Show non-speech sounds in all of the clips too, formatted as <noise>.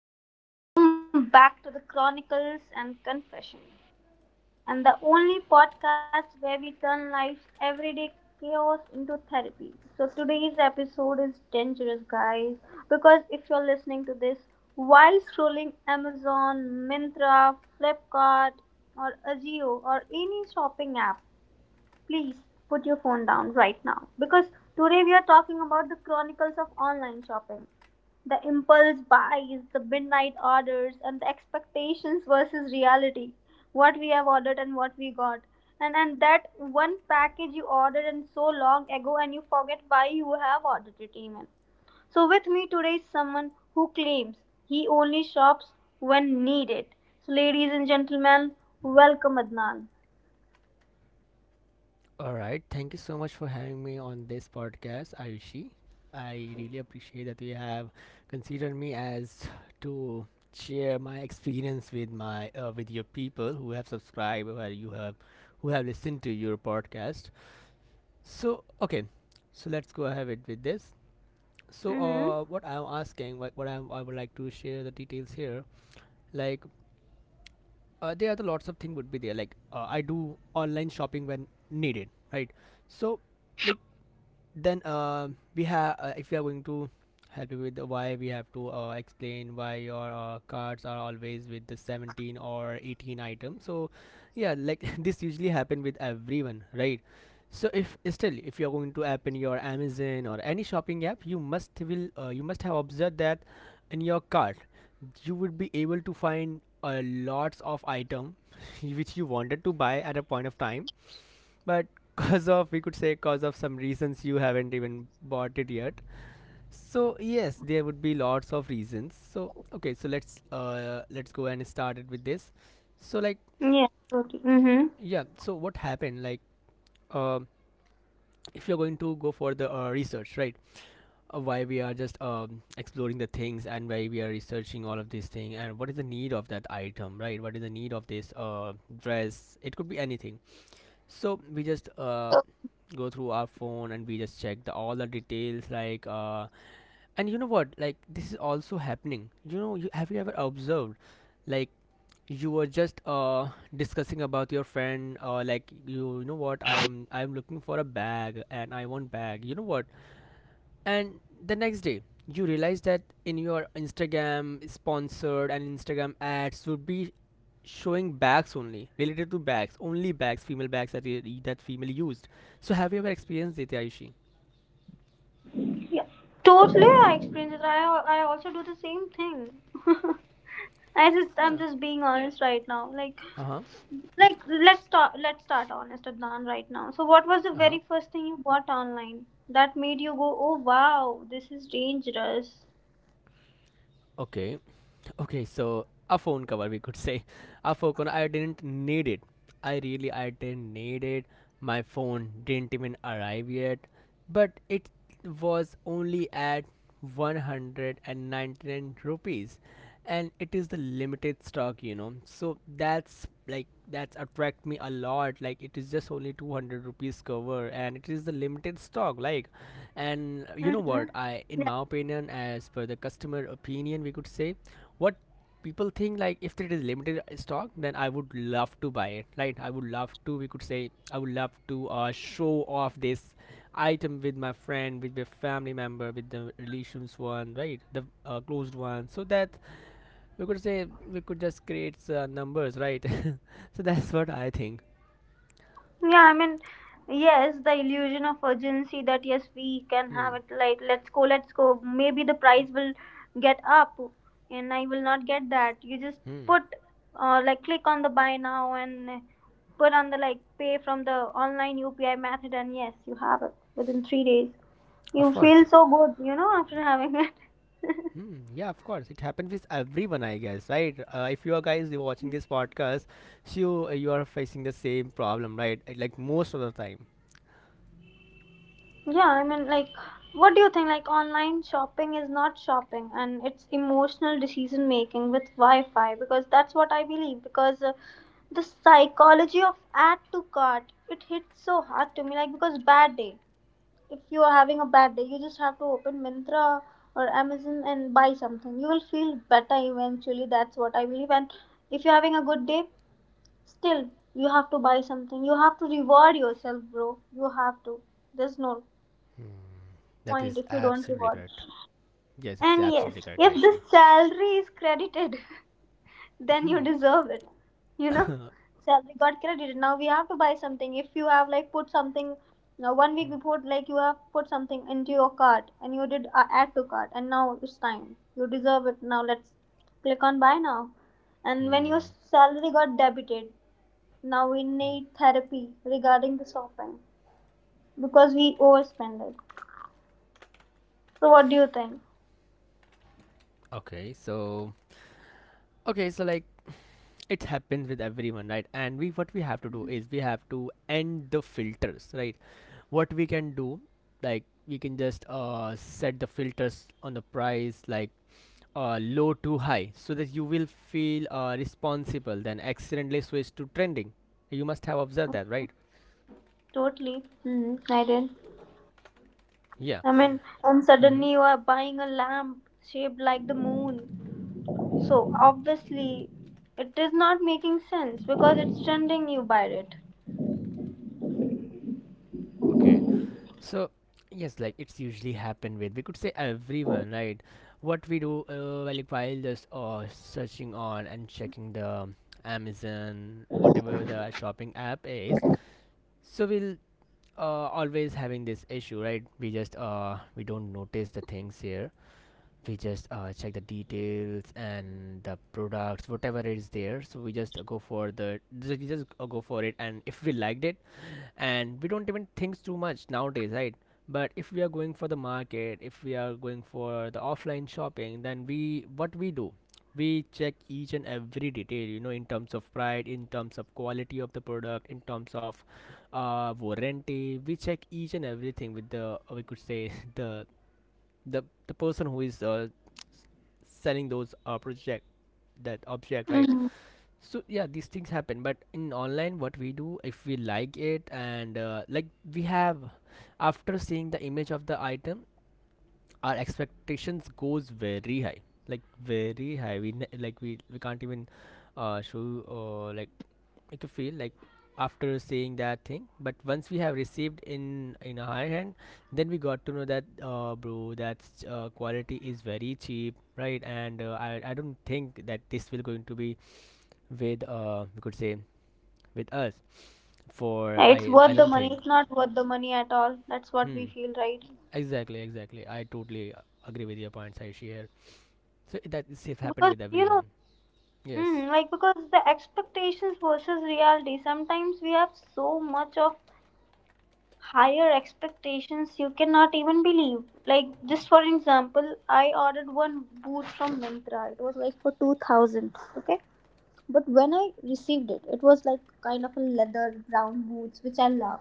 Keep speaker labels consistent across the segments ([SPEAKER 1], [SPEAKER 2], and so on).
[SPEAKER 1] hello. Welcome back to the Chronicles and Confession, and the only podcast where we turn life's everyday chaos into therapy. So, today's episode is dangerous, guys, because if you're listening to this while scrolling Amazon, Mintra, Flipkart, or Ajio, or any shopping app, please put your phone down right now because today we are talking about the chronicles of online shopping. The impulse buys, the midnight orders, and the expectations versus reality. What we have ordered and what we got. And that one package you ordered and so long ago and you forget why you have ordered it even. So with me today is someone who claims he only shops when needed. So ladies and gentlemen, welcome Adnan.
[SPEAKER 2] All right. Thank you so much for having me on this podcast, Ayushi. I really appreciate that you have considered me as to share my experience with my with your people who have subscribed or you have who have listened to your podcast. So okay, so let's go ahead with this. So
[SPEAKER 1] Mhm.
[SPEAKER 2] what I'm asking, I would like to share the details here, like there are the lots of things would be there. Like I do online shopping when needed, right? So like then we have if you are going to help you with the why we have to explain why your cards are always with the 17 or 18 item. So yeah, like <laughs> this usually happen with everyone, right? So if still if you're going to open your Amazon or any shopping app, you must will you must have observed that in your cart, you would be able to find lots of item <laughs> which you wanted to buy at a point of time, but <laughs> cause of, we could say, cause of some reasons, you haven't even bought it yet. So yes, there would be lots of reasons. So okay, so let's go and start it with this. So like
[SPEAKER 1] Yeah, totally. Mm-hmm.
[SPEAKER 2] yeah, so what happened like um if you're going to go for the research, right? Why we are just exploring the things, and why we are researching all of this thing, and what is the need of that item, right? What is the need of this dress, it could be anything. So we just go through our phone and we just check the all the details like and you know what, like this is also happening. You know have you ever observed like you were just discussing about your friend like you know what, I'm looking for a bag and I want bag, you know what? And the next day, you realize that in your Instagram sponsored and Instagram ads would be showing bags, only related to bags, only bags, female bags that that female used. So have you ever experienced it, Ayushi?
[SPEAKER 1] Yeah, totally. I experience it. I also do the same thing. <laughs> I'm
[SPEAKER 2] Yeah.
[SPEAKER 1] just being honest right now. Like,
[SPEAKER 2] Uh huh.
[SPEAKER 1] let's start honest Adnan right now. So what was the
[SPEAKER 2] Uh huh.
[SPEAKER 1] very first thing you bought online that made you go, oh wow, this is dangerous?
[SPEAKER 2] Okay. Okay, so a phone cover, we could <laughs> say. A phone cover, I didn't need it. I really I didn't need it. My phone didn't even arrive yet. But it was only at 199 rupees, and it is the limited stock, you know, so that's like that's attract me a lot, like it is just only 200 rupees cover and it is the limited stock like. And you know
[SPEAKER 1] Mm-hmm.
[SPEAKER 2] what, I in my opinion, as per the customer opinion, we could say, what people think, like if it is limited stock, then I would love to buy it, right? I would love to, we could say, I would love to show off this item with my friend, with my family member, with the relations one, right? The closed one, so that we could say we could just create numbers right. <laughs> So that's what I think.
[SPEAKER 1] Yeah, I mean, yes, the illusion of urgency that yes, we can
[SPEAKER 2] Hmm.
[SPEAKER 1] have it. Like, let's go, let's go. Maybe the price will get up, and I will not get that. You just
[SPEAKER 2] Hmm.
[SPEAKER 1] put, like, click on the buy now and put on the like pay from the online UPI method, and yes, you have it within 3 days.
[SPEAKER 2] Of
[SPEAKER 1] You feel
[SPEAKER 2] course.
[SPEAKER 1] so good, you know, after having it. <laughs>
[SPEAKER 2] Hmm, yeah, of course, it happens with everyone, I guess, right? If you are guys you're watching this podcast, so you are facing the same problem, right? Like most of the time.
[SPEAKER 1] Yeah, I mean, like, what do you think? Like, online shopping is not shopping and it's emotional decision making with Wi Fi because that's what I believe. Because the psychology of add to cart, it hits so hard to me. Like, because bad day, if you are having a bad day, you just have to open Mintra or Amazon and buy something. You will feel better eventually. That's what I believe. And if you're having a good day, still, you have to buy something. You have to reward yourself, bro. You have to. There's no
[SPEAKER 2] That
[SPEAKER 1] point
[SPEAKER 2] is
[SPEAKER 1] if you don't
[SPEAKER 2] absolutely
[SPEAKER 1] reward.
[SPEAKER 2] correct. Yes, it is
[SPEAKER 1] And
[SPEAKER 2] absolutely
[SPEAKER 1] yes,
[SPEAKER 2] correct,
[SPEAKER 1] if
[SPEAKER 2] Aishi.
[SPEAKER 1] the salary is credited, <laughs> then you
[SPEAKER 2] Hmm.
[SPEAKER 1] deserve it. You know, salary got credited. Now we have to buy something. If you have like put something now 1 week
[SPEAKER 2] Hmm.
[SPEAKER 1] before, like you have put something into your cart and you did add to cart, and now it's time. You deserve it. Now let's click on buy now. And when your
[SPEAKER 2] Hmm.
[SPEAKER 1] salary got debited, now we need therapy regarding the shopping because we overspend it. So what do you think?
[SPEAKER 2] Okay, so okay, so like it happens with everyone, right? And we what we have to do is we have to end the filters, right? What we can do, like we can just set the filters on the price, like low to high, so that you will feel responsible then accidentally switch to trending. You must have observed that, right?
[SPEAKER 1] Totally. Mm, I did.
[SPEAKER 2] Yeah.
[SPEAKER 1] I mean, and
[SPEAKER 2] Hmm.
[SPEAKER 1] suddenly you are buying a lamp shaped like the moon. So obviously, it is not making sense because it's trending. You buy it.
[SPEAKER 2] Okay. So yes, like it's usually happened with, we could say, everyone, right? What we do well, like while just searching on and checking the Amazon, whatever the shopping app is, so we'll always having this issue, right? We just we don't notice the things here. We just check the details and the products, whatever is there, so we just go for the we just go for it, and if we liked it, and we don't even think too much nowadays, right? But if we are going for the market, if we are going for the offline shopping, then we what we do, we check each and every detail, you know, in terms of price, in terms of quality of the product, in terms of warranty, we check each and everything with the we could say <laughs> the person who is selling those project, that object, right?
[SPEAKER 1] Hmm.
[SPEAKER 2] So yeah, these things happen. But in online what we do, if we like it and like we have, after seeing the image of the item, our expectations goes very high, like very high, we like we can't even show like make you feel like after saying that thing. But once we have received in our hand, then we got to know that bro, that quality is very cheap, right? And I don't think that this will going to be with uh, we could say, with us for I
[SPEAKER 1] It's
[SPEAKER 2] I
[SPEAKER 1] worth the
[SPEAKER 2] don't
[SPEAKER 1] money.
[SPEAKER 2] think.
[SPEAKER 1] It's not worth the money at all. That's what
[SPEAKER 2] Hmm.
[SPEAKER 1] we feel, right?
[SPEAKER 2] Exactly. Exactly. I totally agree with your points. I share. So that is have happened
[SPEAKER 1] Because
[SPEAKER 2] with
[SPEAKER 1] you know,
[SPEAKER 2] everyone. Yes.
[SPEAKER 1] mm, like because the expectations versus reality. Sometimes we have so much of higher expectations you cannot even believe. Like just for example, I ordered one boot from Myntra. It was like for 2,000. Okay. But when I received it, it was like kind of a leather brown boots, which I love.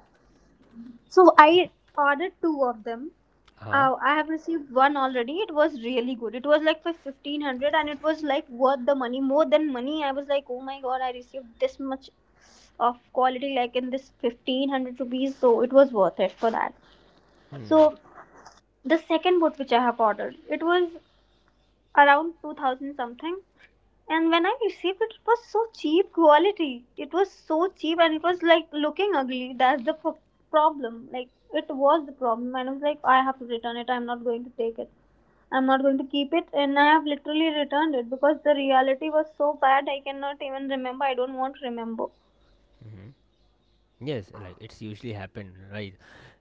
[SPEAKER 1] So I ordered two of them.
[SPEAKER 2] Huh.
[SPEAKER 1] Oh, I have received one already. It was really good. It was like for 1,500, and it was like worth the money. More than money, I was like, oh my god, I received this much of quality, like in this 1,500 rupees. So it was worth it for that.
[SPEAKER 2] Hmm.
[SPEAKER 1] So the second boat which I have ordered, it was around 2000 something. And when I received it, it was so cheap quality. It was so cheap and it was like looking ugly. Problem. Like it was the problem. And I was like, I have to return it. I'm not going to take it. I'm not going to keep it. And I have literally returned it because the reality was so bad. I cannot even remember. I don't want to remember.
[SPEAKER 2] Mm-hmm. Yes, like it's usually happen, right?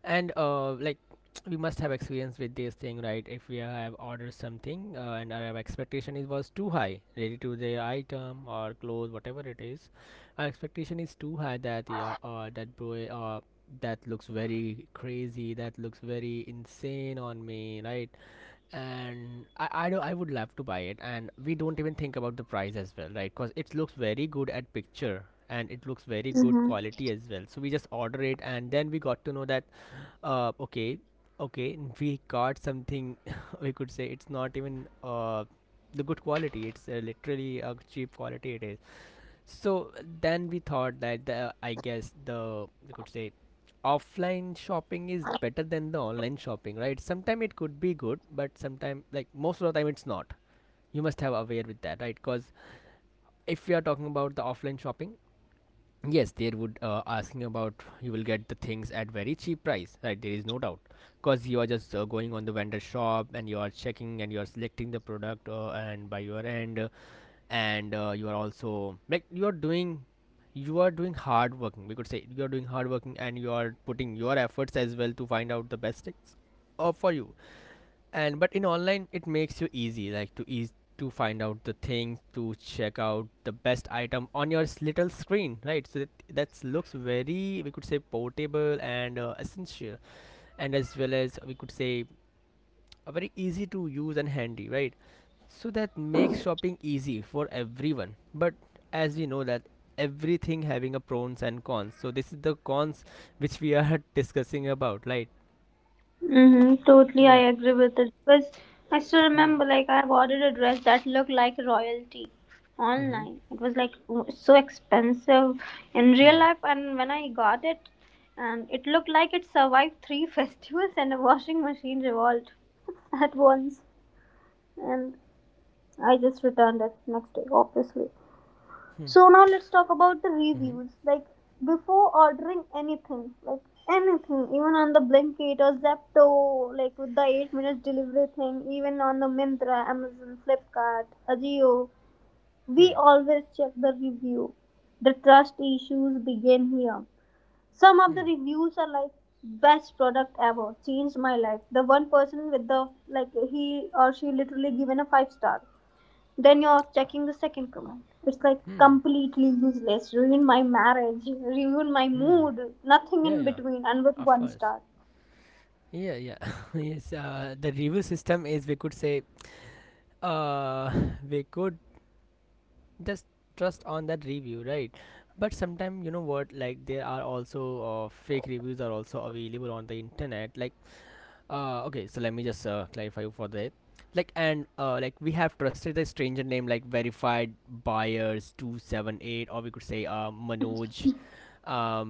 [SPEAKER 2] And like <tsk> we must have experience with this thing, right? If we have ordered something and our expectation is was too high, related to the item or clothes, whatever it is, our expectation is too high that yeah, that boy that looks very crazy, that looks very insane on me, right? And I would love to buy it, and we don't even think about the price as well, right? Because it looks very good at picture and it looks very good
[SPEAKER 1] Mm-hmm.
[SPEAKER 2] quality as well, so we just order it, and then we got to know that okay okay we got something. <laughs> We could say it's not even the good quality, it's literally a cheap quality it is. So then we thought that the, I guess the, we could say, offline shopping is better than the online shopping, right? Sometimes it could be good, but sometimes, like most of the time it's not. You must have aware with that, right? Because if we are talking about the offline shopping, yes, they would asking about you will get the things at very cheap price, right? There is no doubt, because you are just going on the vendor shop, and you are checking and you are selecting the product and by your end and you are also like you are doing hard working, we could say you are doing hard working, and you are putting your efforts as well to find out the best things for you. And but in online, it makes you easy, like to ease to find out the things, to check out the best item on your little screen, right? So that looks very, we could say, portable and essential, and as well as we could say very easy to use and handy, right? So that makes shopping easy for everyone. But as we know that everything having a pros and cons, so this is the cons which we are <laughs> discussing about, right?
[SPEAKER 1] Mm-hmm, totally, I
[SPEAKER 2] Yeah.
[SPEAKER 1] agree with it because I still
[SPEAKER 2] Hmm.
[SPEAKER 1] remember like I ordered a dress that looked like royalty
[SPEAKER 2] Hmm.
[SPEAKER 1] online. It was so expensive in real
[SPEAKER 2] Hmm.
[SPEAKER 1] life, and when I got it, and it looked like it survived three <laughs> festivals and a washing machine revolt <laughs> at once. And I just returned it next day, obviously.
[SPEAKER 2] Hmm.
[SPEAKER 1] So now let's talk about the
[SPEAKER 2] Hmm.
[SPEAKER 1] reviews. Like before ordering anything, like anything, even on the Blinkit or Zepto, like with the 8 minutes delivery thing, even on the Mintra, Amazon, Flipkart, Ajio, we
[SPEAKER 2] Hmm.
[SPEAKER 1] always check the review. The trust issues begin here. Some of the
[SPEAKER 2] Hmm.
[SPEAKER 1] reviews are like best product ever, changed my life. The one person with the like he or she literally given a five star then you're checking the second comment. It's like
[SPEAKER 2] Hmm.
[SPEAKER 1] completely useless. Ruin my marriage, ruin my
[SPEAKER 2] Hmm.
[SPEAKER 1] mood, nothing
[SPEAKER 2] Yeah.
[SPEAKER 1] in
[SPEAKER 2] Yeah.
[SPEAKER 1] between, and with
[SPEAKER 2] Of
[SPEAKER 1] one
[SPEAKER 2] course.
[SPEAKER 1] star.
[SPEAKER 2] Yeah. Yeah. <laughs> Yes. The review system is, we could say uh, <laughs> we could just trust on that review, right? But sometimes you know what, like there are also fake reviews are also available on the internet, like okay, so let me just clarify you for that. Like and like we have trusted the stranger name like verified buyers 278, or we could say Manoj,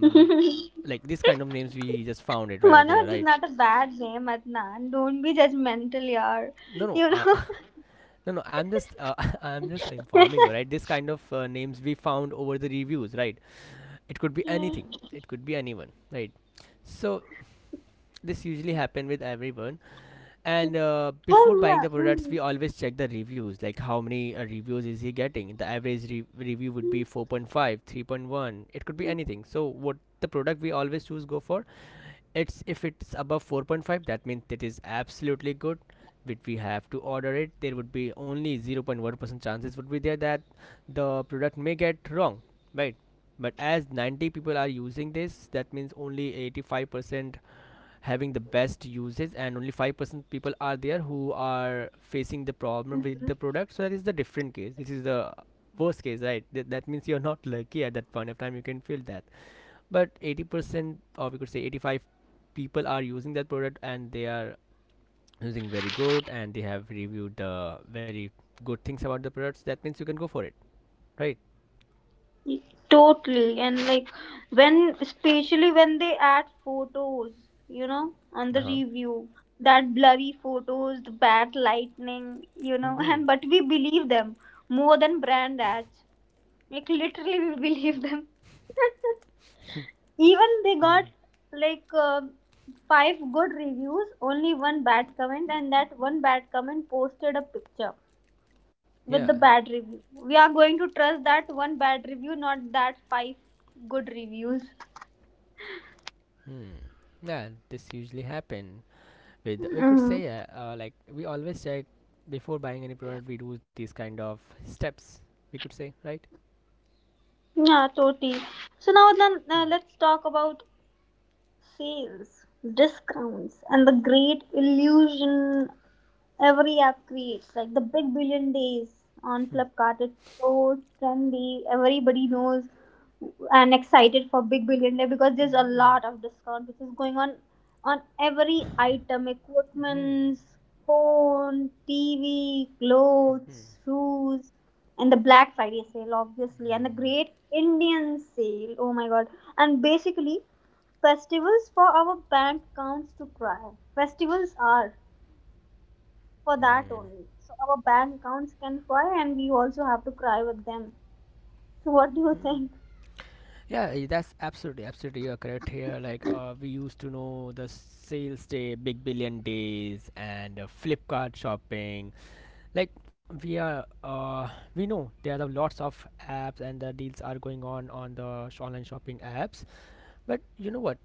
[SPEAKER 1] <laughs> Manoj
[SPEAKER 2] like this kind of names we just found it right over there,
[SPEAKER 1] is
[SPEAKER 2] right?
[SPEAKER 1] not a bad name, Adnan. Don't be judgmental, yaar.
[SPEAKER 2] no no
[SPEAKER 1] You
[SPEAKER 2] uh,
[SPEAKER 1] know.
[SPEAKER 2] <laughs> no no I'm just <laughs> I'm just informing you,
[SPEAKER 1] <laughs>
[SPEAKER 2] right? This kind of names we found over the reviews, right? It could be
[SPEAKER 1] Yeah.
[SPEAKER 2] anything, it could be anyone, right? So this usually happen with everyone. And before buying
[SPEAKER 1] Oh
[SPEAKER 2] the products,
[SPEAKER 1] yeah.
[SPEAKER 2] we always check the reviews, like how many reviews is he getting, the average review would be 4.5, 3.1, it could be anything. So what the product we always choose go for, it's if it's above 4.5, that means it is absolutely good, which we have to order it. There would be only 0.1% chances would be there that the product may get wrong, right? But as 90 people are using this, that means only 85% having the best uses and only 5% people are there who are facing the problem with the
[SPEAKER 1] Mm.
[SPEAKER 2] product. So that is the different case, this is the worst case, right? That means you're not lucky at that point of time, you can feel that. But 80% or we could say 85 people are using that product and they are using very good and they have reviewed the very good things about the products, that means you can go for it, right?
[SPEAKER 1] Totally. And like when, especially when they add photos, you know, on the
[SPEAKER 2] Uh-huh.
[SPEAKER 1] review, that blurry photos, the bad lightning, you know, <laughs>
[SPEAKER 2] Hmm.
[SPEAKER 1] and but we believe them more than brand ads. Like literally, we believe them. <laughs> Even they got like five good reviews, only one bad comment, and that one bad comment posted a picture
[SPEAKER 2] Yeah.
[SPEAKER 1] with the bad review. We are going to trust that one bad review, not that five good reviews.
[SPEAKER 2] Hmm. Yeah, this usually happen with, we could
[SPEAKER 1] Hmm.
[SPEAKER 2] say, like we always check before buying any product, we do these kind of steps, we could say, right?
[SPEAKER 1] Yeah, totally. So now then,
[SPEAKER 2] Hmm.
[SPEAKER 1] let's talk about sales, discounts, and the great illusion. Every app creates like the big billion days on Flipkart. It's so trendy. Everybody knows and excited for big billion day because there's a lot of discount which is going on every item, equipments, phone, TV, clothes, shoes, and the Black Friday sale obviously and the Great Indian sale. Oh my god. And basically festivals for our bank accounts to cry. Festivals are for that
[SPEAKER 2] Hmm.
[SPEAKER 1] only. So our bank accounts can fly, and we also have to cry with them. So what do you think?
[SPEAKER 2] Yeah, that's absolutely, absolutely you're correct here. Like, we used to know the sales day, big billion days, and Flipkart shopping. Like, we are, uh, we know there are lots of apps and the deals are going on the online shopping apps. But you know what?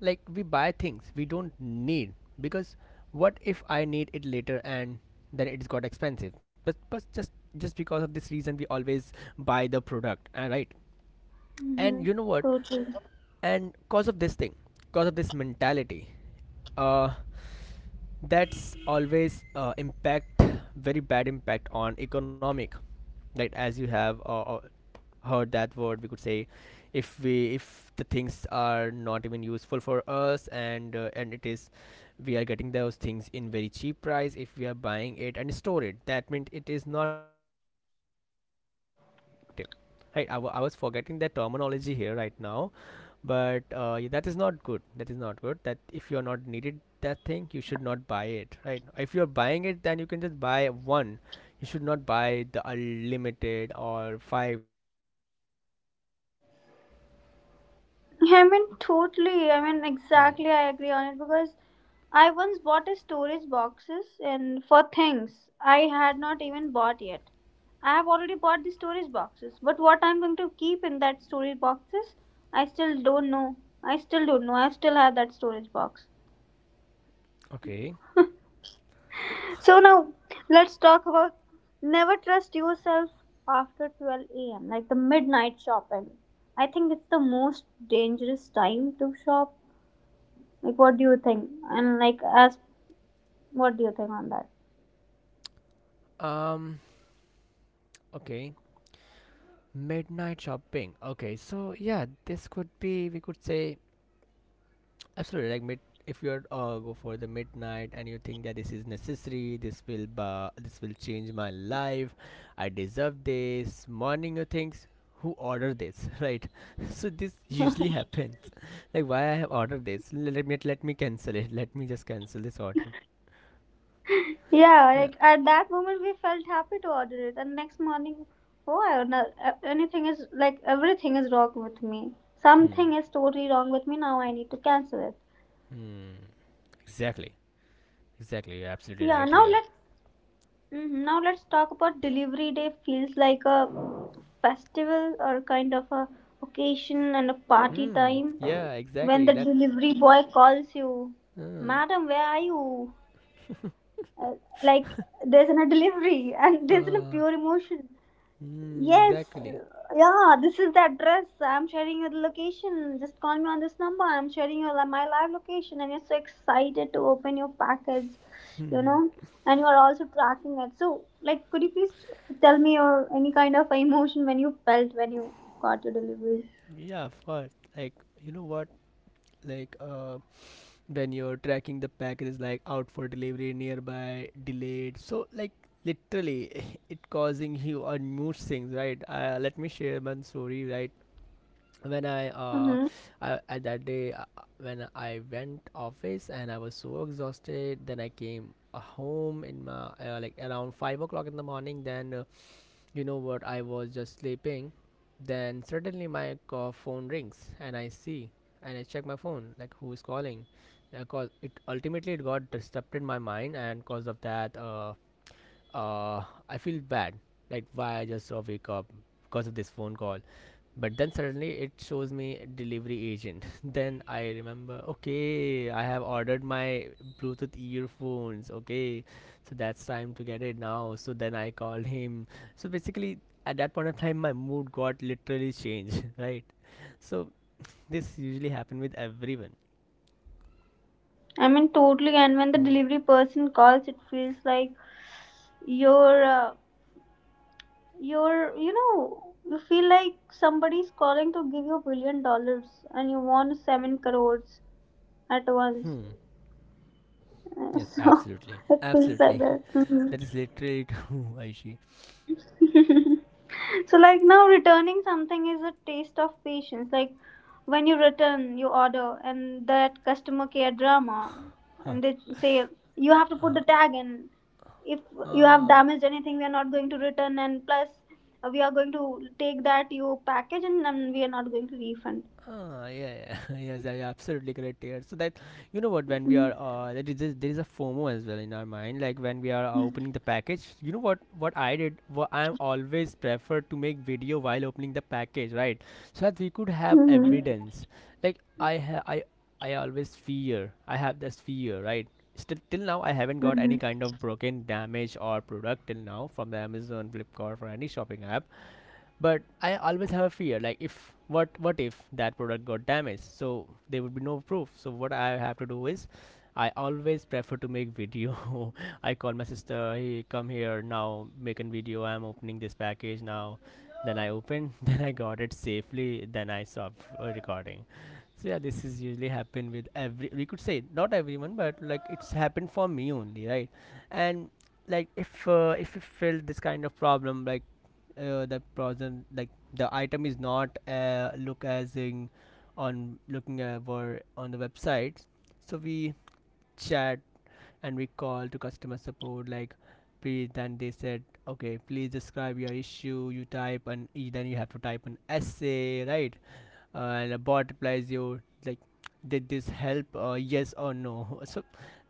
[SPEAKER 2] Like, we buy things we don't need because what if I need it later and then it's got expensive? But just because of this reason, we always buy the product, right?
[SPEAKER 1] Hmm.
[SPEAKER 2] And you know what?
[SPEAKER 1] Totally.
[SPEAKER 2] And cause of this thing, cause of this mentality, uh, that's always impact, very bad impact on economic, right? As you have heard that word, we could say, if the things are not even useful for us, and it is we are getting those things in very cheap price, if we are buying it and store it, that means it is not good, right? If we are talking about the economic perspective, right? I was forgetting the terminology here right now, but that is not good, that is not good, that if you're not needed that thing, you should not buy it, right? If you're buying it, then you can just buy one, you should not buy the unlimited or five six, like this is not good, right?
[SPEAKER 1] I mean, totally. I mean,
[SPEAKER 2] Hmm.
[SPEAKER 1] exactly. I agree on it because I once bought a storage boxes and for
[SPEAKER 2] Mm-hmm.
[SPEAKER 1] things I had not even bought yet. I have already bought the storage boxes, but what I'm going to keep in that storage boxes, I still don't know. I still don't know. I still have that storage box.
[SPEAKER 2] Okay.
[SPEAKER 1] So now let's talk about never trust yourself after 12 a.m. like the midnight shopping. I think it's the most dangerous time to shop. Like what do you think? And like as what do you think on that?
[SPEAKER 2] Um okay, midnight shopping. Okay, so yeah, this could be, we could say, absolutely. Like if you're go for the midnight, and you think that this is necessary, this will change my life. I deserve this. Morning, you thinks, who ordered this, <laughs> right? <laughs> So this usually happens. <laughs> Like, why I have ordered this? Let me cancel it. Let me just cancel this order.
[SPEAKER 1] <laughs> Yeah,
[SPEAKER 2] Yeah.
[SPEAKER 1] like at that moment we felt happy to order it, and next morning, oh, I don't know, anything is like everything is wrong with me.
[SPEAKER 2] Hmm.
[SPEAKER 1] Something is totally wrong with me now. I need to cancel it.
[SPEAKER 2] Hmm. Exactly. Exactly. You're absolutely
[SPEAKER 1] Yeah,
[SPEAKER 2] right
[SPEAKER 1] now
[SPEAKER 2] here.
[SPEAKER 1] let's Mhm. Now let's talk about delivery day. Feels like a festival or kind of a occasion and a party
[SPEAKER 2] Hmm.
[SPEAKER 1] time
[SPEAKER 2] Yeah.
[SPEAKER 1] when
[SPEAKER 2] Exactly.
[SPEAKER 1] the
[SPEAKER 2] That.
[SPEAKER 1] delivery boy calls you,
[SPEAKER 2] Uh.
[SPEAKER 1] "Madam, where are you?" Uh, like there's an a delivery <laughs> and there's a
[SPEAKER 2] uh
[SPEAKER 1] pure emotion.
[SPEAKER 2] hmm.
[SPEAKER 1] Yes,
[SPEAKER 2] Exactly.
[SPEAKER 1] yeah, this is the address. I'm sharing your location. Just call me on this number. I'm sharing your my live location, and you're so excited to open your package, you know. And you are also tracking it. So, like, could you please tell me your any kind of emotion when you felt when you got your delivery?
[SPEAKER 2] Yeah. Of course. Like, you know what, like when you're tracking the packages, like out for delivery, nearby, delayed, so like literally <laughs> it causing you unmoved things, right? Let me share one story, right? When I, uh,
[SPEAKER 1] Mm-hmm.
[SPEAKER 2] I at that day, when I went office and I was so exhausted, then I came home in my like around 5 o'clock in the morning, then you know what? I was just sleeping. Then suddenly my phone rings, and I see and I check my phone, like who is calling, because it ultimately it got disrupted my mind, and because of that, uh I feel bad, like why I just wake up because of this phone call. But then suddenly it shows me delivery agent. <laughs> Then I remember, okay, I have ordered my Bluetooth earphones. Okay, so that's time to get it now. So then I called him. So basically, at that point of time, my mood got literally changed, <laughs> right? So this usually happen with everyone.
[SPEAKER 1] I mean, totally. And when the
[SPEAKER 2] Hmm.
[SPEAKER 1] delivery person calls, it feels like you're uh, you're you know you feel like somebody's calling to give you $1 billion and you want seven crores at once.
[SPEAKER 2] Hmm.
[SPEAKER 1] Uh,
[SPEAKER 2] Yes,
[SPEAKER 1] so
[SPEAKER 2] absolutely,
[SPEAKER 1] <laughs>
[SPEAKER 2] <laughs>
[SPEAKER 1] it feels like
[SPEAKER 2] absolutely.
[SPEAKER 1] that.
[SPEAKER 2] <laughs>
[SPEAKER 1] Mhm.
[SPEAKER 2] That is literally true, <laughs> Aishi.
[SPEAKER 1] <laughs> So like now returning something is a taste of patience, like when you return your order and that customer care drama,
[SPEAKER 2] Huh.
[SPEAKER 1] and they say you have to put
[SPEAKER 2] Uh,
[SPEAKER 1] the tag, and if you have
[SPEAKER 2] uh,
[SPEAKER 1] damaged anything we are not going to return, and plus, we are going to take that your package, and we are not going to refund.
[SPEAKER 2] Ah, yeah, yeah, <laughs> yes, yeah, you're absolutely correct here. So that, you know what, when we are, that is this, there is a FOMO as well in our mind. Like when we are opening the package, you know what I did, what I'm always preferred to make video while opening the package, right? So that we could have
[SPEAKER 1] Mm-hmm.
[SPEAKER 2] evidence. Like I always fear. I have this fear, right? Still, till now, I haven't got
[SPEAKER 1] Mm-hmm.
[SPEAKER 2] any kind of broken, damage or product till now from the Amazon, Flipkart, or any shopping app, but I always have a fear, like if what what if that product got damaged, so there would be no proof. So what I have to do is, I always prefer to make video. <laughs> I call my sister, hey, come here now, make a video, I'm opening this package now. Then I open, <laughs> then I got it safely, then I stop recording. So yeah, this is usually happen with every, we could say, not everyone, but like it's happened for me only, right? And like, if you feel this kind of problem, like the person, like the item is not look as in on looking over on the website, so we chat and we call to customer support, like please, then they said, okay, please describe your issue, you type, and then you have to type an essay, right? And a bot replies you like, did this help, yes or no? <laughs> So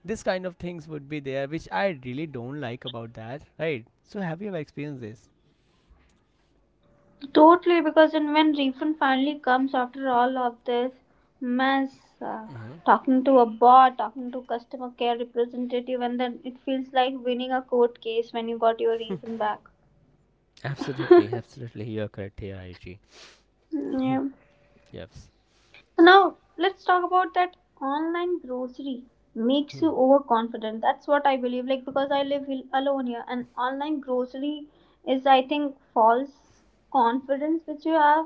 [SPEAKER 2] this kind of things would be there, which I really don't like about that, right? So have you ever experienced this?
[SPEAKER 1] Totally, because then when refund finally comes after all of this mess, uh,
[SPEAKER 2] Mm-hmm.
[SPEAKER 1] talking to a bot, talking to customer care representative, and then it feels like winning a court case when you got your refund back. <laughs>
[SPEAKER 2] Absolutely,
[SPEAKER 1] Yeah.
[SPEAKER 2] absolutely. You're correct here, Aichi.
[SPEAKER 1] So
[SPEAKER 2] Yes.
[SPEAKER 1] now let's talk about that online grocery makes you
[SPEAKER 2] Hmm.
[SPEAKER 1] overconfident. That's what I believe. Like because I live alone here, and online grocery is I think false confidence which you have,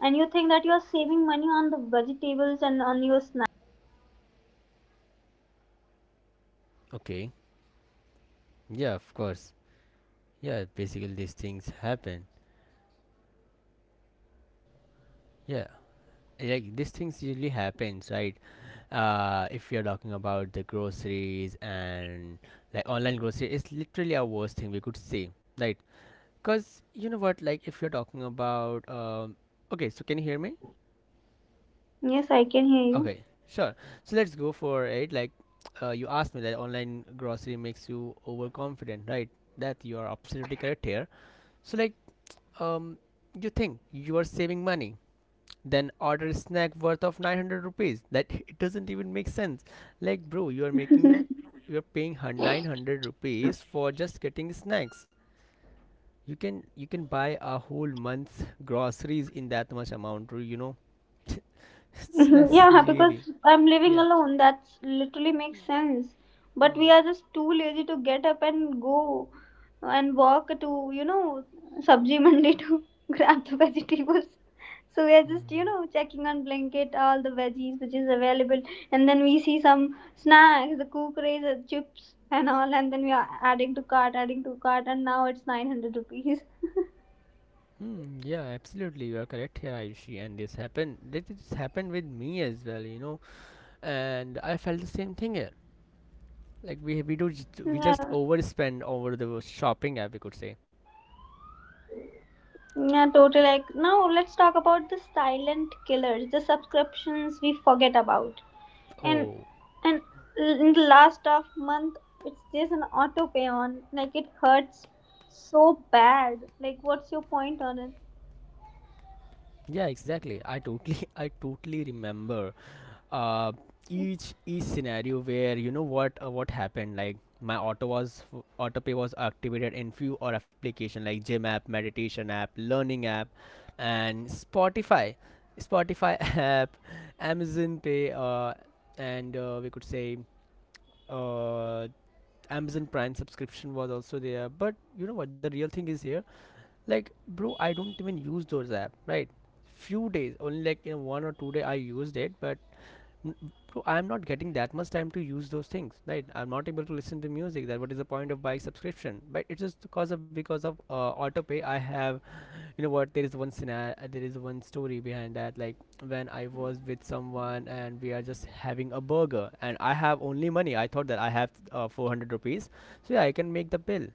[SPEAKER 1] and you think that you are saving money on the vegetables and on your snacks, but I
[SPEAKER 2] Okay. Yeah, of course. Yeah, basically these things happen. Yeah. Like these things usually happens, right? If you're talking about the groceries, and like online grocery, it's literally our worst thing we could say, right? Cause you know what? Like if you're talking about, okay, so can you hear me?
[SPEAKER 1] yes, I can hear
[SPEAKER 2] Okay, sure. So let's go for it. Like, you asked me that online grocery makes you overconfident, right? That you are absolutely correct here. So, like, um, you think you are saving money, then order a snack worth of 900 rupees. That, <laughs> it doesn't even make sense. Like, bro, you are making,
[SPEAKER 1] you.
[SPEAKER 2] you are paying 900 rupees for just getting snacks. You can buy a whole month's groceries in that much amount. <laughs> So
[SPEAKER 1] <laughs>
[SPEAKER 2] that's
[SPEAKER 1] Yeah, because
[SPEAKER 2] really,
[SPEAKER 1] I'm living
[SPEAKER 2] yeah.
[SPEAKER 1] alone, that's literally makes sense. But we
[SPEAKER 2] Hmm.
[SPEAKER 1] are just too lazy to get up and go and walk to, you know, sabji mandi to <laughs> grab the vegetables. So we are just, you
[SPEAKER 2] Hmm.
[SPEAKER 1] know, checking on blanket all the veggies which is available, and then we see some snacks, the Kukre's, the chips, and all, and then we are adding to cart, and now it's 900 rupees. <laughs>
[SPEAKER 2] Hmm, yeah, absolutely, you are correct here, Ayushi. And this happened, this happened with me as well. And I felt the same thing here. Like we just
[SPEAKER 1] Yeah,
[SPEAKER 2] overspend over the shopping app, we could say.
[SPEAKER 1] yeah, totally. Like now, let's talk about the silent killers, the subscriptions we forget about. And
[SPEAKER 2] Oh,
[SPEAKER 1] and in the last of month, it's just an auto pay on. Like it hurts so bad. Like, what's your point on it?
[SPEAKER 2] yeah, exactly. I totally <laughs> I totally remember, uh, each scenario, where you know what, what happened, like my auto pay was activated in few or application, like gym app, meditation app, learning app, and spotify <laughs> app, amazon pay, and we could say, uh, amazon prime subscription was also there, but you know what, the real thing is here, like bro, I don't even use those app, right? Few days only, like in 1 or 2 day I used it, but N- Bro, I'm not getting that much time to use those things, right? I'm not able to listen to music. That what is the point of buying subscription? But it's just because of autopay. I have, you know what? There is one scenario, there is one story behind that. Like when I was with someone, and we are just having a burger, and I have only money, I thought that I have 400 rupees, so yeah, I can make the bill.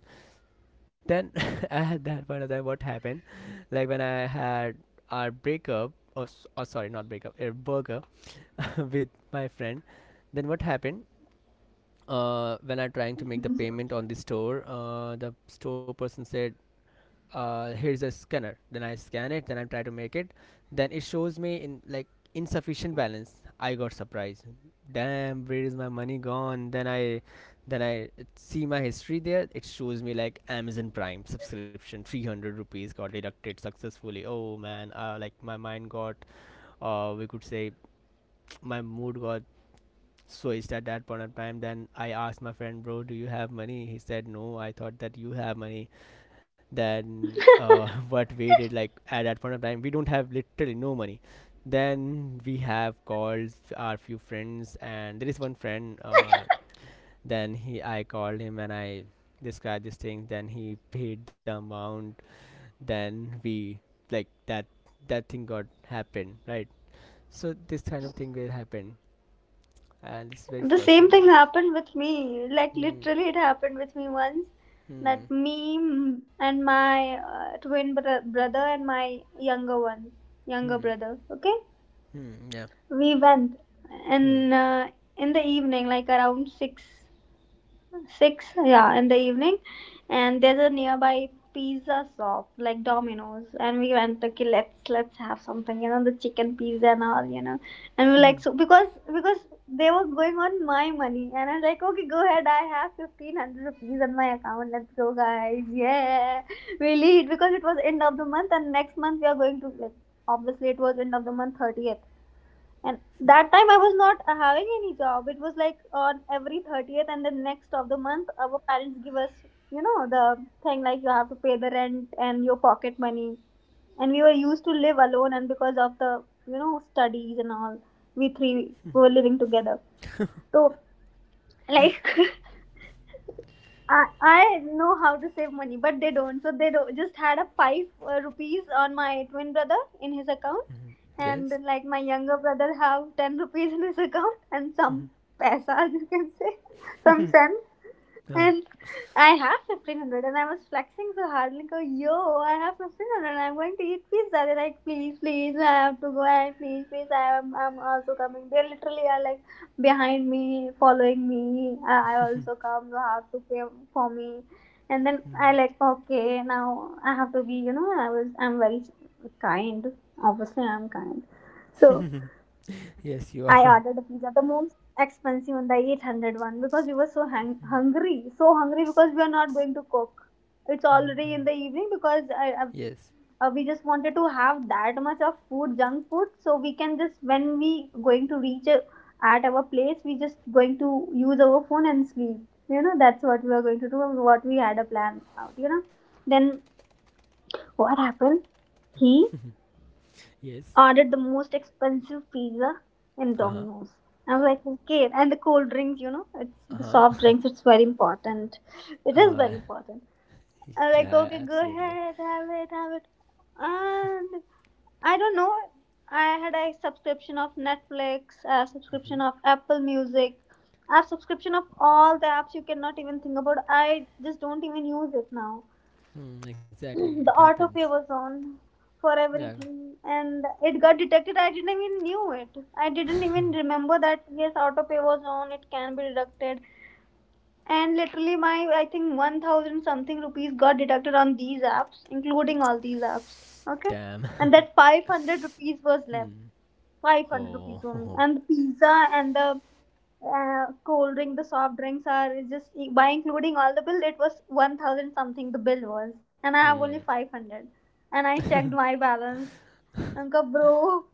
[SPEAKER 2] Then <laughs> I had that one time. What happened? Like when I had our breakup, or, or sorry, not breakup, a burger <laughs> with my friend. Then what happened? When I trying to make the payment on the store person said, "Here's a scanner." Then I scan it. Then I try to make it. Then it shows me in like insufficient balance. I got surprised. Damn, where is my money gone? Then I see my history there. It shows me like Amazon Prime subscription, 300 rupees got deducted successfully. Oh man, like my mind got, we could say, my mood got switched at that point of time. Then I asked my friend, bro, do you have money? He said, no, I thought that you have money. Then, <laughs> what we did, like at that point of time, we don't have literally no money. Then we have called our few friends, and there is one friend. I called him and I described this thing. Then he paid the amount. Then we like that thing got happened, right? So this kind of thing will happen, and it's very
[SPEAKER 1] The same
[SPEAKER 2] frustrating.
[SPEAKER 1] thing happened with me. Like
[SPEAKER 2] Hmm.
[SPEAKER 1] literally, it happened with me once.
[SPEAKER 2] Hmm.
[SPEAKER 1] That me and my twin brother and my younger one, younger
[SPEAKER 2] Hmm.
[SPEAKER 1] brother. Okay,
[SPEAKER 2] Hmm. Yeah.
[SPEAKER 1] we went,
[SPEAKER 2] Hmm.
[SPEAKER 1] and in the evening, like around six, yeah, in the evening. And there's a nearby pizza shop like Domino's, and we went, okay, let's have something, you know, the chicken pizza and all, you know. And we're like, so because they were going on my money, and I'm like, okay, go ahead, I have 1500 rupees on my account, let's go guys. Yeah, we'll eat, because it was end of the month and next month we are going to, like, obviously it was end of the month, 30th. And that time I was not having any job. It was like on every 30th and the next of the month, our parents give us, you know, the thing like you have to pay the rent and your pocket money. And we were used to live alone, and because of the, you know, studies and all, we three were living together. So, like, <laughs> I know how to save money, but they don't. So they do just had a five rupees on my twin brother in his account, and
[SPEAKER 2] Yes.
[SPEAKER 1] like my younger brother have ten rupees in his account and some paisa, <laughs> you can say, <laughs> some cents.
[SPEAKER 2] Uh.
[SPEAKER 1] And I have 1500 and I was flexing so hard. Like, oh, yo, I have 1500 and I'm going to eat pizza. They're like, please, please, I have to go. And please, please, I am, I'm also coming. They literally are like behind me, following me. I also come. You have to pay for me. And then I like,
[SPEAKER 2] Hmm.
[SPEAKER 1] okay, now I have to be, you know, I was, I'm very kind. Obviously, I'm kind. So
[SPEAKER 2] Yes, you
[SPEAKER 1] I
[SPEAKER 2] are. <laughs>
[SPEAKER 1] ordered a pizza, the most expensive one, the 800 one, because we were so hungry, so hungry, because we are not going to cook. It's
[SPEAKER 2] Hmm.
[SPEAKER 1] already in the evening, because
[SPEAKER 2] Yes.
[SPEAKER 1] I, we just wanted to have that much of food, junk food, so we can just when we going to reach at our place, we just going to use our phone and sleep. You know that's what we are going to do. What we had a plan out. You know, then what happened? He
[SPEAKER 2] Yes.
[SPEAKER 1] ordered the most expensive pizza and
[SPEAKER 2] Uh huh.
[SPEAKER 1] Domino's. I was like, okay, and the cold drinks, you know, it's
[SPEAKER 2] <laughs>
[SPEAKER 1] the
[SPEAKER 2] Uh
[SPEAKER 1] soft
[SPEAKER 2] huh.
[SPEAKER 1] drinks, it's very important. It is
[SPEAKER 2] Uh.
[SPEAKER 1] very important. I'm like,
[SPEAKER 2] Yeah.
[SPEAKER 1] okay, go
[SPEAKER 2] Absolutely.
[SPEAKER 1] ahead, have it, have it. And I don't know, I had a subscription of Netflix, a subscription
[SPEAKER 2] Mm-hmm.
[SPEAKER 1] of Apple Music, a subscription of all the apps you cannot even think about. I just don't even use it now.
[SPEAKER 2] Hmm.
[SPEAKER 1] <clears throat>
[SPEAKER 2] Exactly. It
[SPEAKER 1] The
[SPEAKER 2] happens.
[SPEAKER 1] autopay was on for
[SPEAKER 2] Yeah.
[SPEAKER 1] everything, and it got detected. I didn't even knew it, I didn't even remember that yes, autopay was on, it can be deducted. And literally my, I think 1000 something rupees got deducted on these apps, including all these apps. Okay,
[SPEAKER 2] Damn.
[SPEAKER 1] and that 500 rupees
[SPEAKER 2] <laughs>
[SPEAKER 1] was left, 500 rupees only.
[SPEAKER 2] Oh.
[SPEAKER 1] And the pizza and the cold drink, the soft drinks are just, by including all the bill it was 1000 something, the bill was.
[SPEAKER 2] <laughs>
[SPEAKER 1] And I have
[SPEAKER 2] Hmm.
[SPEAKER 1] only 500. And I checked my balance. Uncle, bro,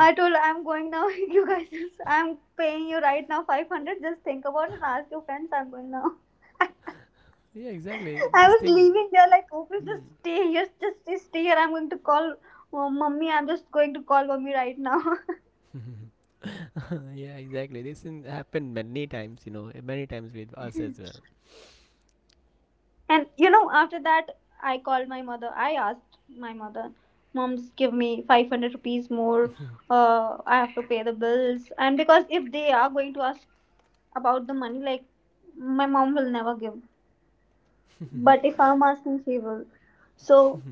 [SPEAKER 1] I told, I'm going now. <laughs> You guys just, I'm paying you right now 500, just think about it and ask your friends, I'm going now.
[SPEAKER 2] Yeah. Exactly.
[SPEAKER 1] <laughs> I
[SPEAKER 2] This
[SPEAKER 1] was
[SPEAKER 2] thing.
[SPEAKER 1] leaving there like, okay, just stay here, just stay here, I'm going to call. Oh, mommy, I'm just going to call mummy right now. <laughs>
[SPEAKER 2] <laughs> Yeah. Exactly. This thing happened many times. You know, many times with us as well.
[SPEAKER 1] And you know, after that, I called my mother. I asked my mother, Mom, just give me 500 rupees more. I have to pay the bills. And because if they are going to ask about the money, like my mom will never give. But if I'm asking, she will. So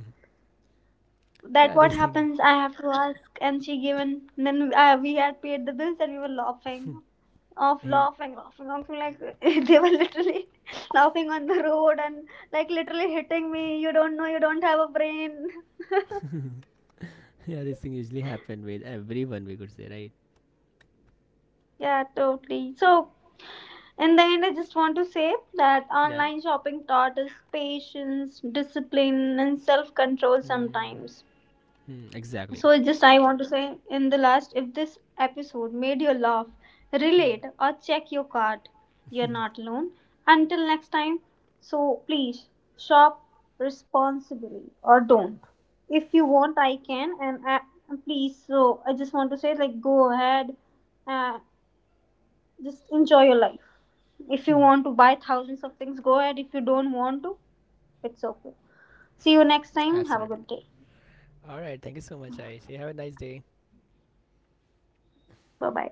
[SPEAKER 2] Yeah.
[SPEAKER 1] that
[SPEAKER 2] This
[SPEAKER 1] what
[SPEAKER 2] thing.
[SPEAKER 1] happens, I have to ask, and she given. Then we had paid the bills, and we were laughing off,
[SPEAKER 2] He
[SPEAKER 1] laughing, laughing, laughing like <laughs> they were literally <laughs> laughing on the road, and like literally hitting me, you don't know, you don't have a brain.
[SPEAKER 2] Yeah, this thing usually happen with everyone, we could say, right?
[SPEAKER 1] <laughs> Yeah, totally. So in the end, I just want to say that
[SPEAKER 2] Yeah.
[SPEAKER 1] online shopping taught us patience, discipline, and self-control
[SPEAKER 2] Hmm.
[SPEAKER 1] sometimes.
[SPEAKER 2] Hmm. Exactly.
[SPEAKER 1] So, just I want to say in the last, if this episode made you laugh,
[SPEAKER 2] Hmm.
[SPEAKER 1] relate, or check your card, you're not alone. Until next time, so please shop responsibly or don't. If you want, I can, and please. So, I just want to say, like, go ahead, uh, just enjoy your life. If you want to buy thousands of things, go ahead. If you don't want to, it's okay. See you next time.
[SPEAKER 2] Absolutely.
[SPEAKER 1] Have a good day.
[SPEAKER 2] All right. Thank you so much, Aish. You have a nice day.
[SPEAKER 1] Bye bye.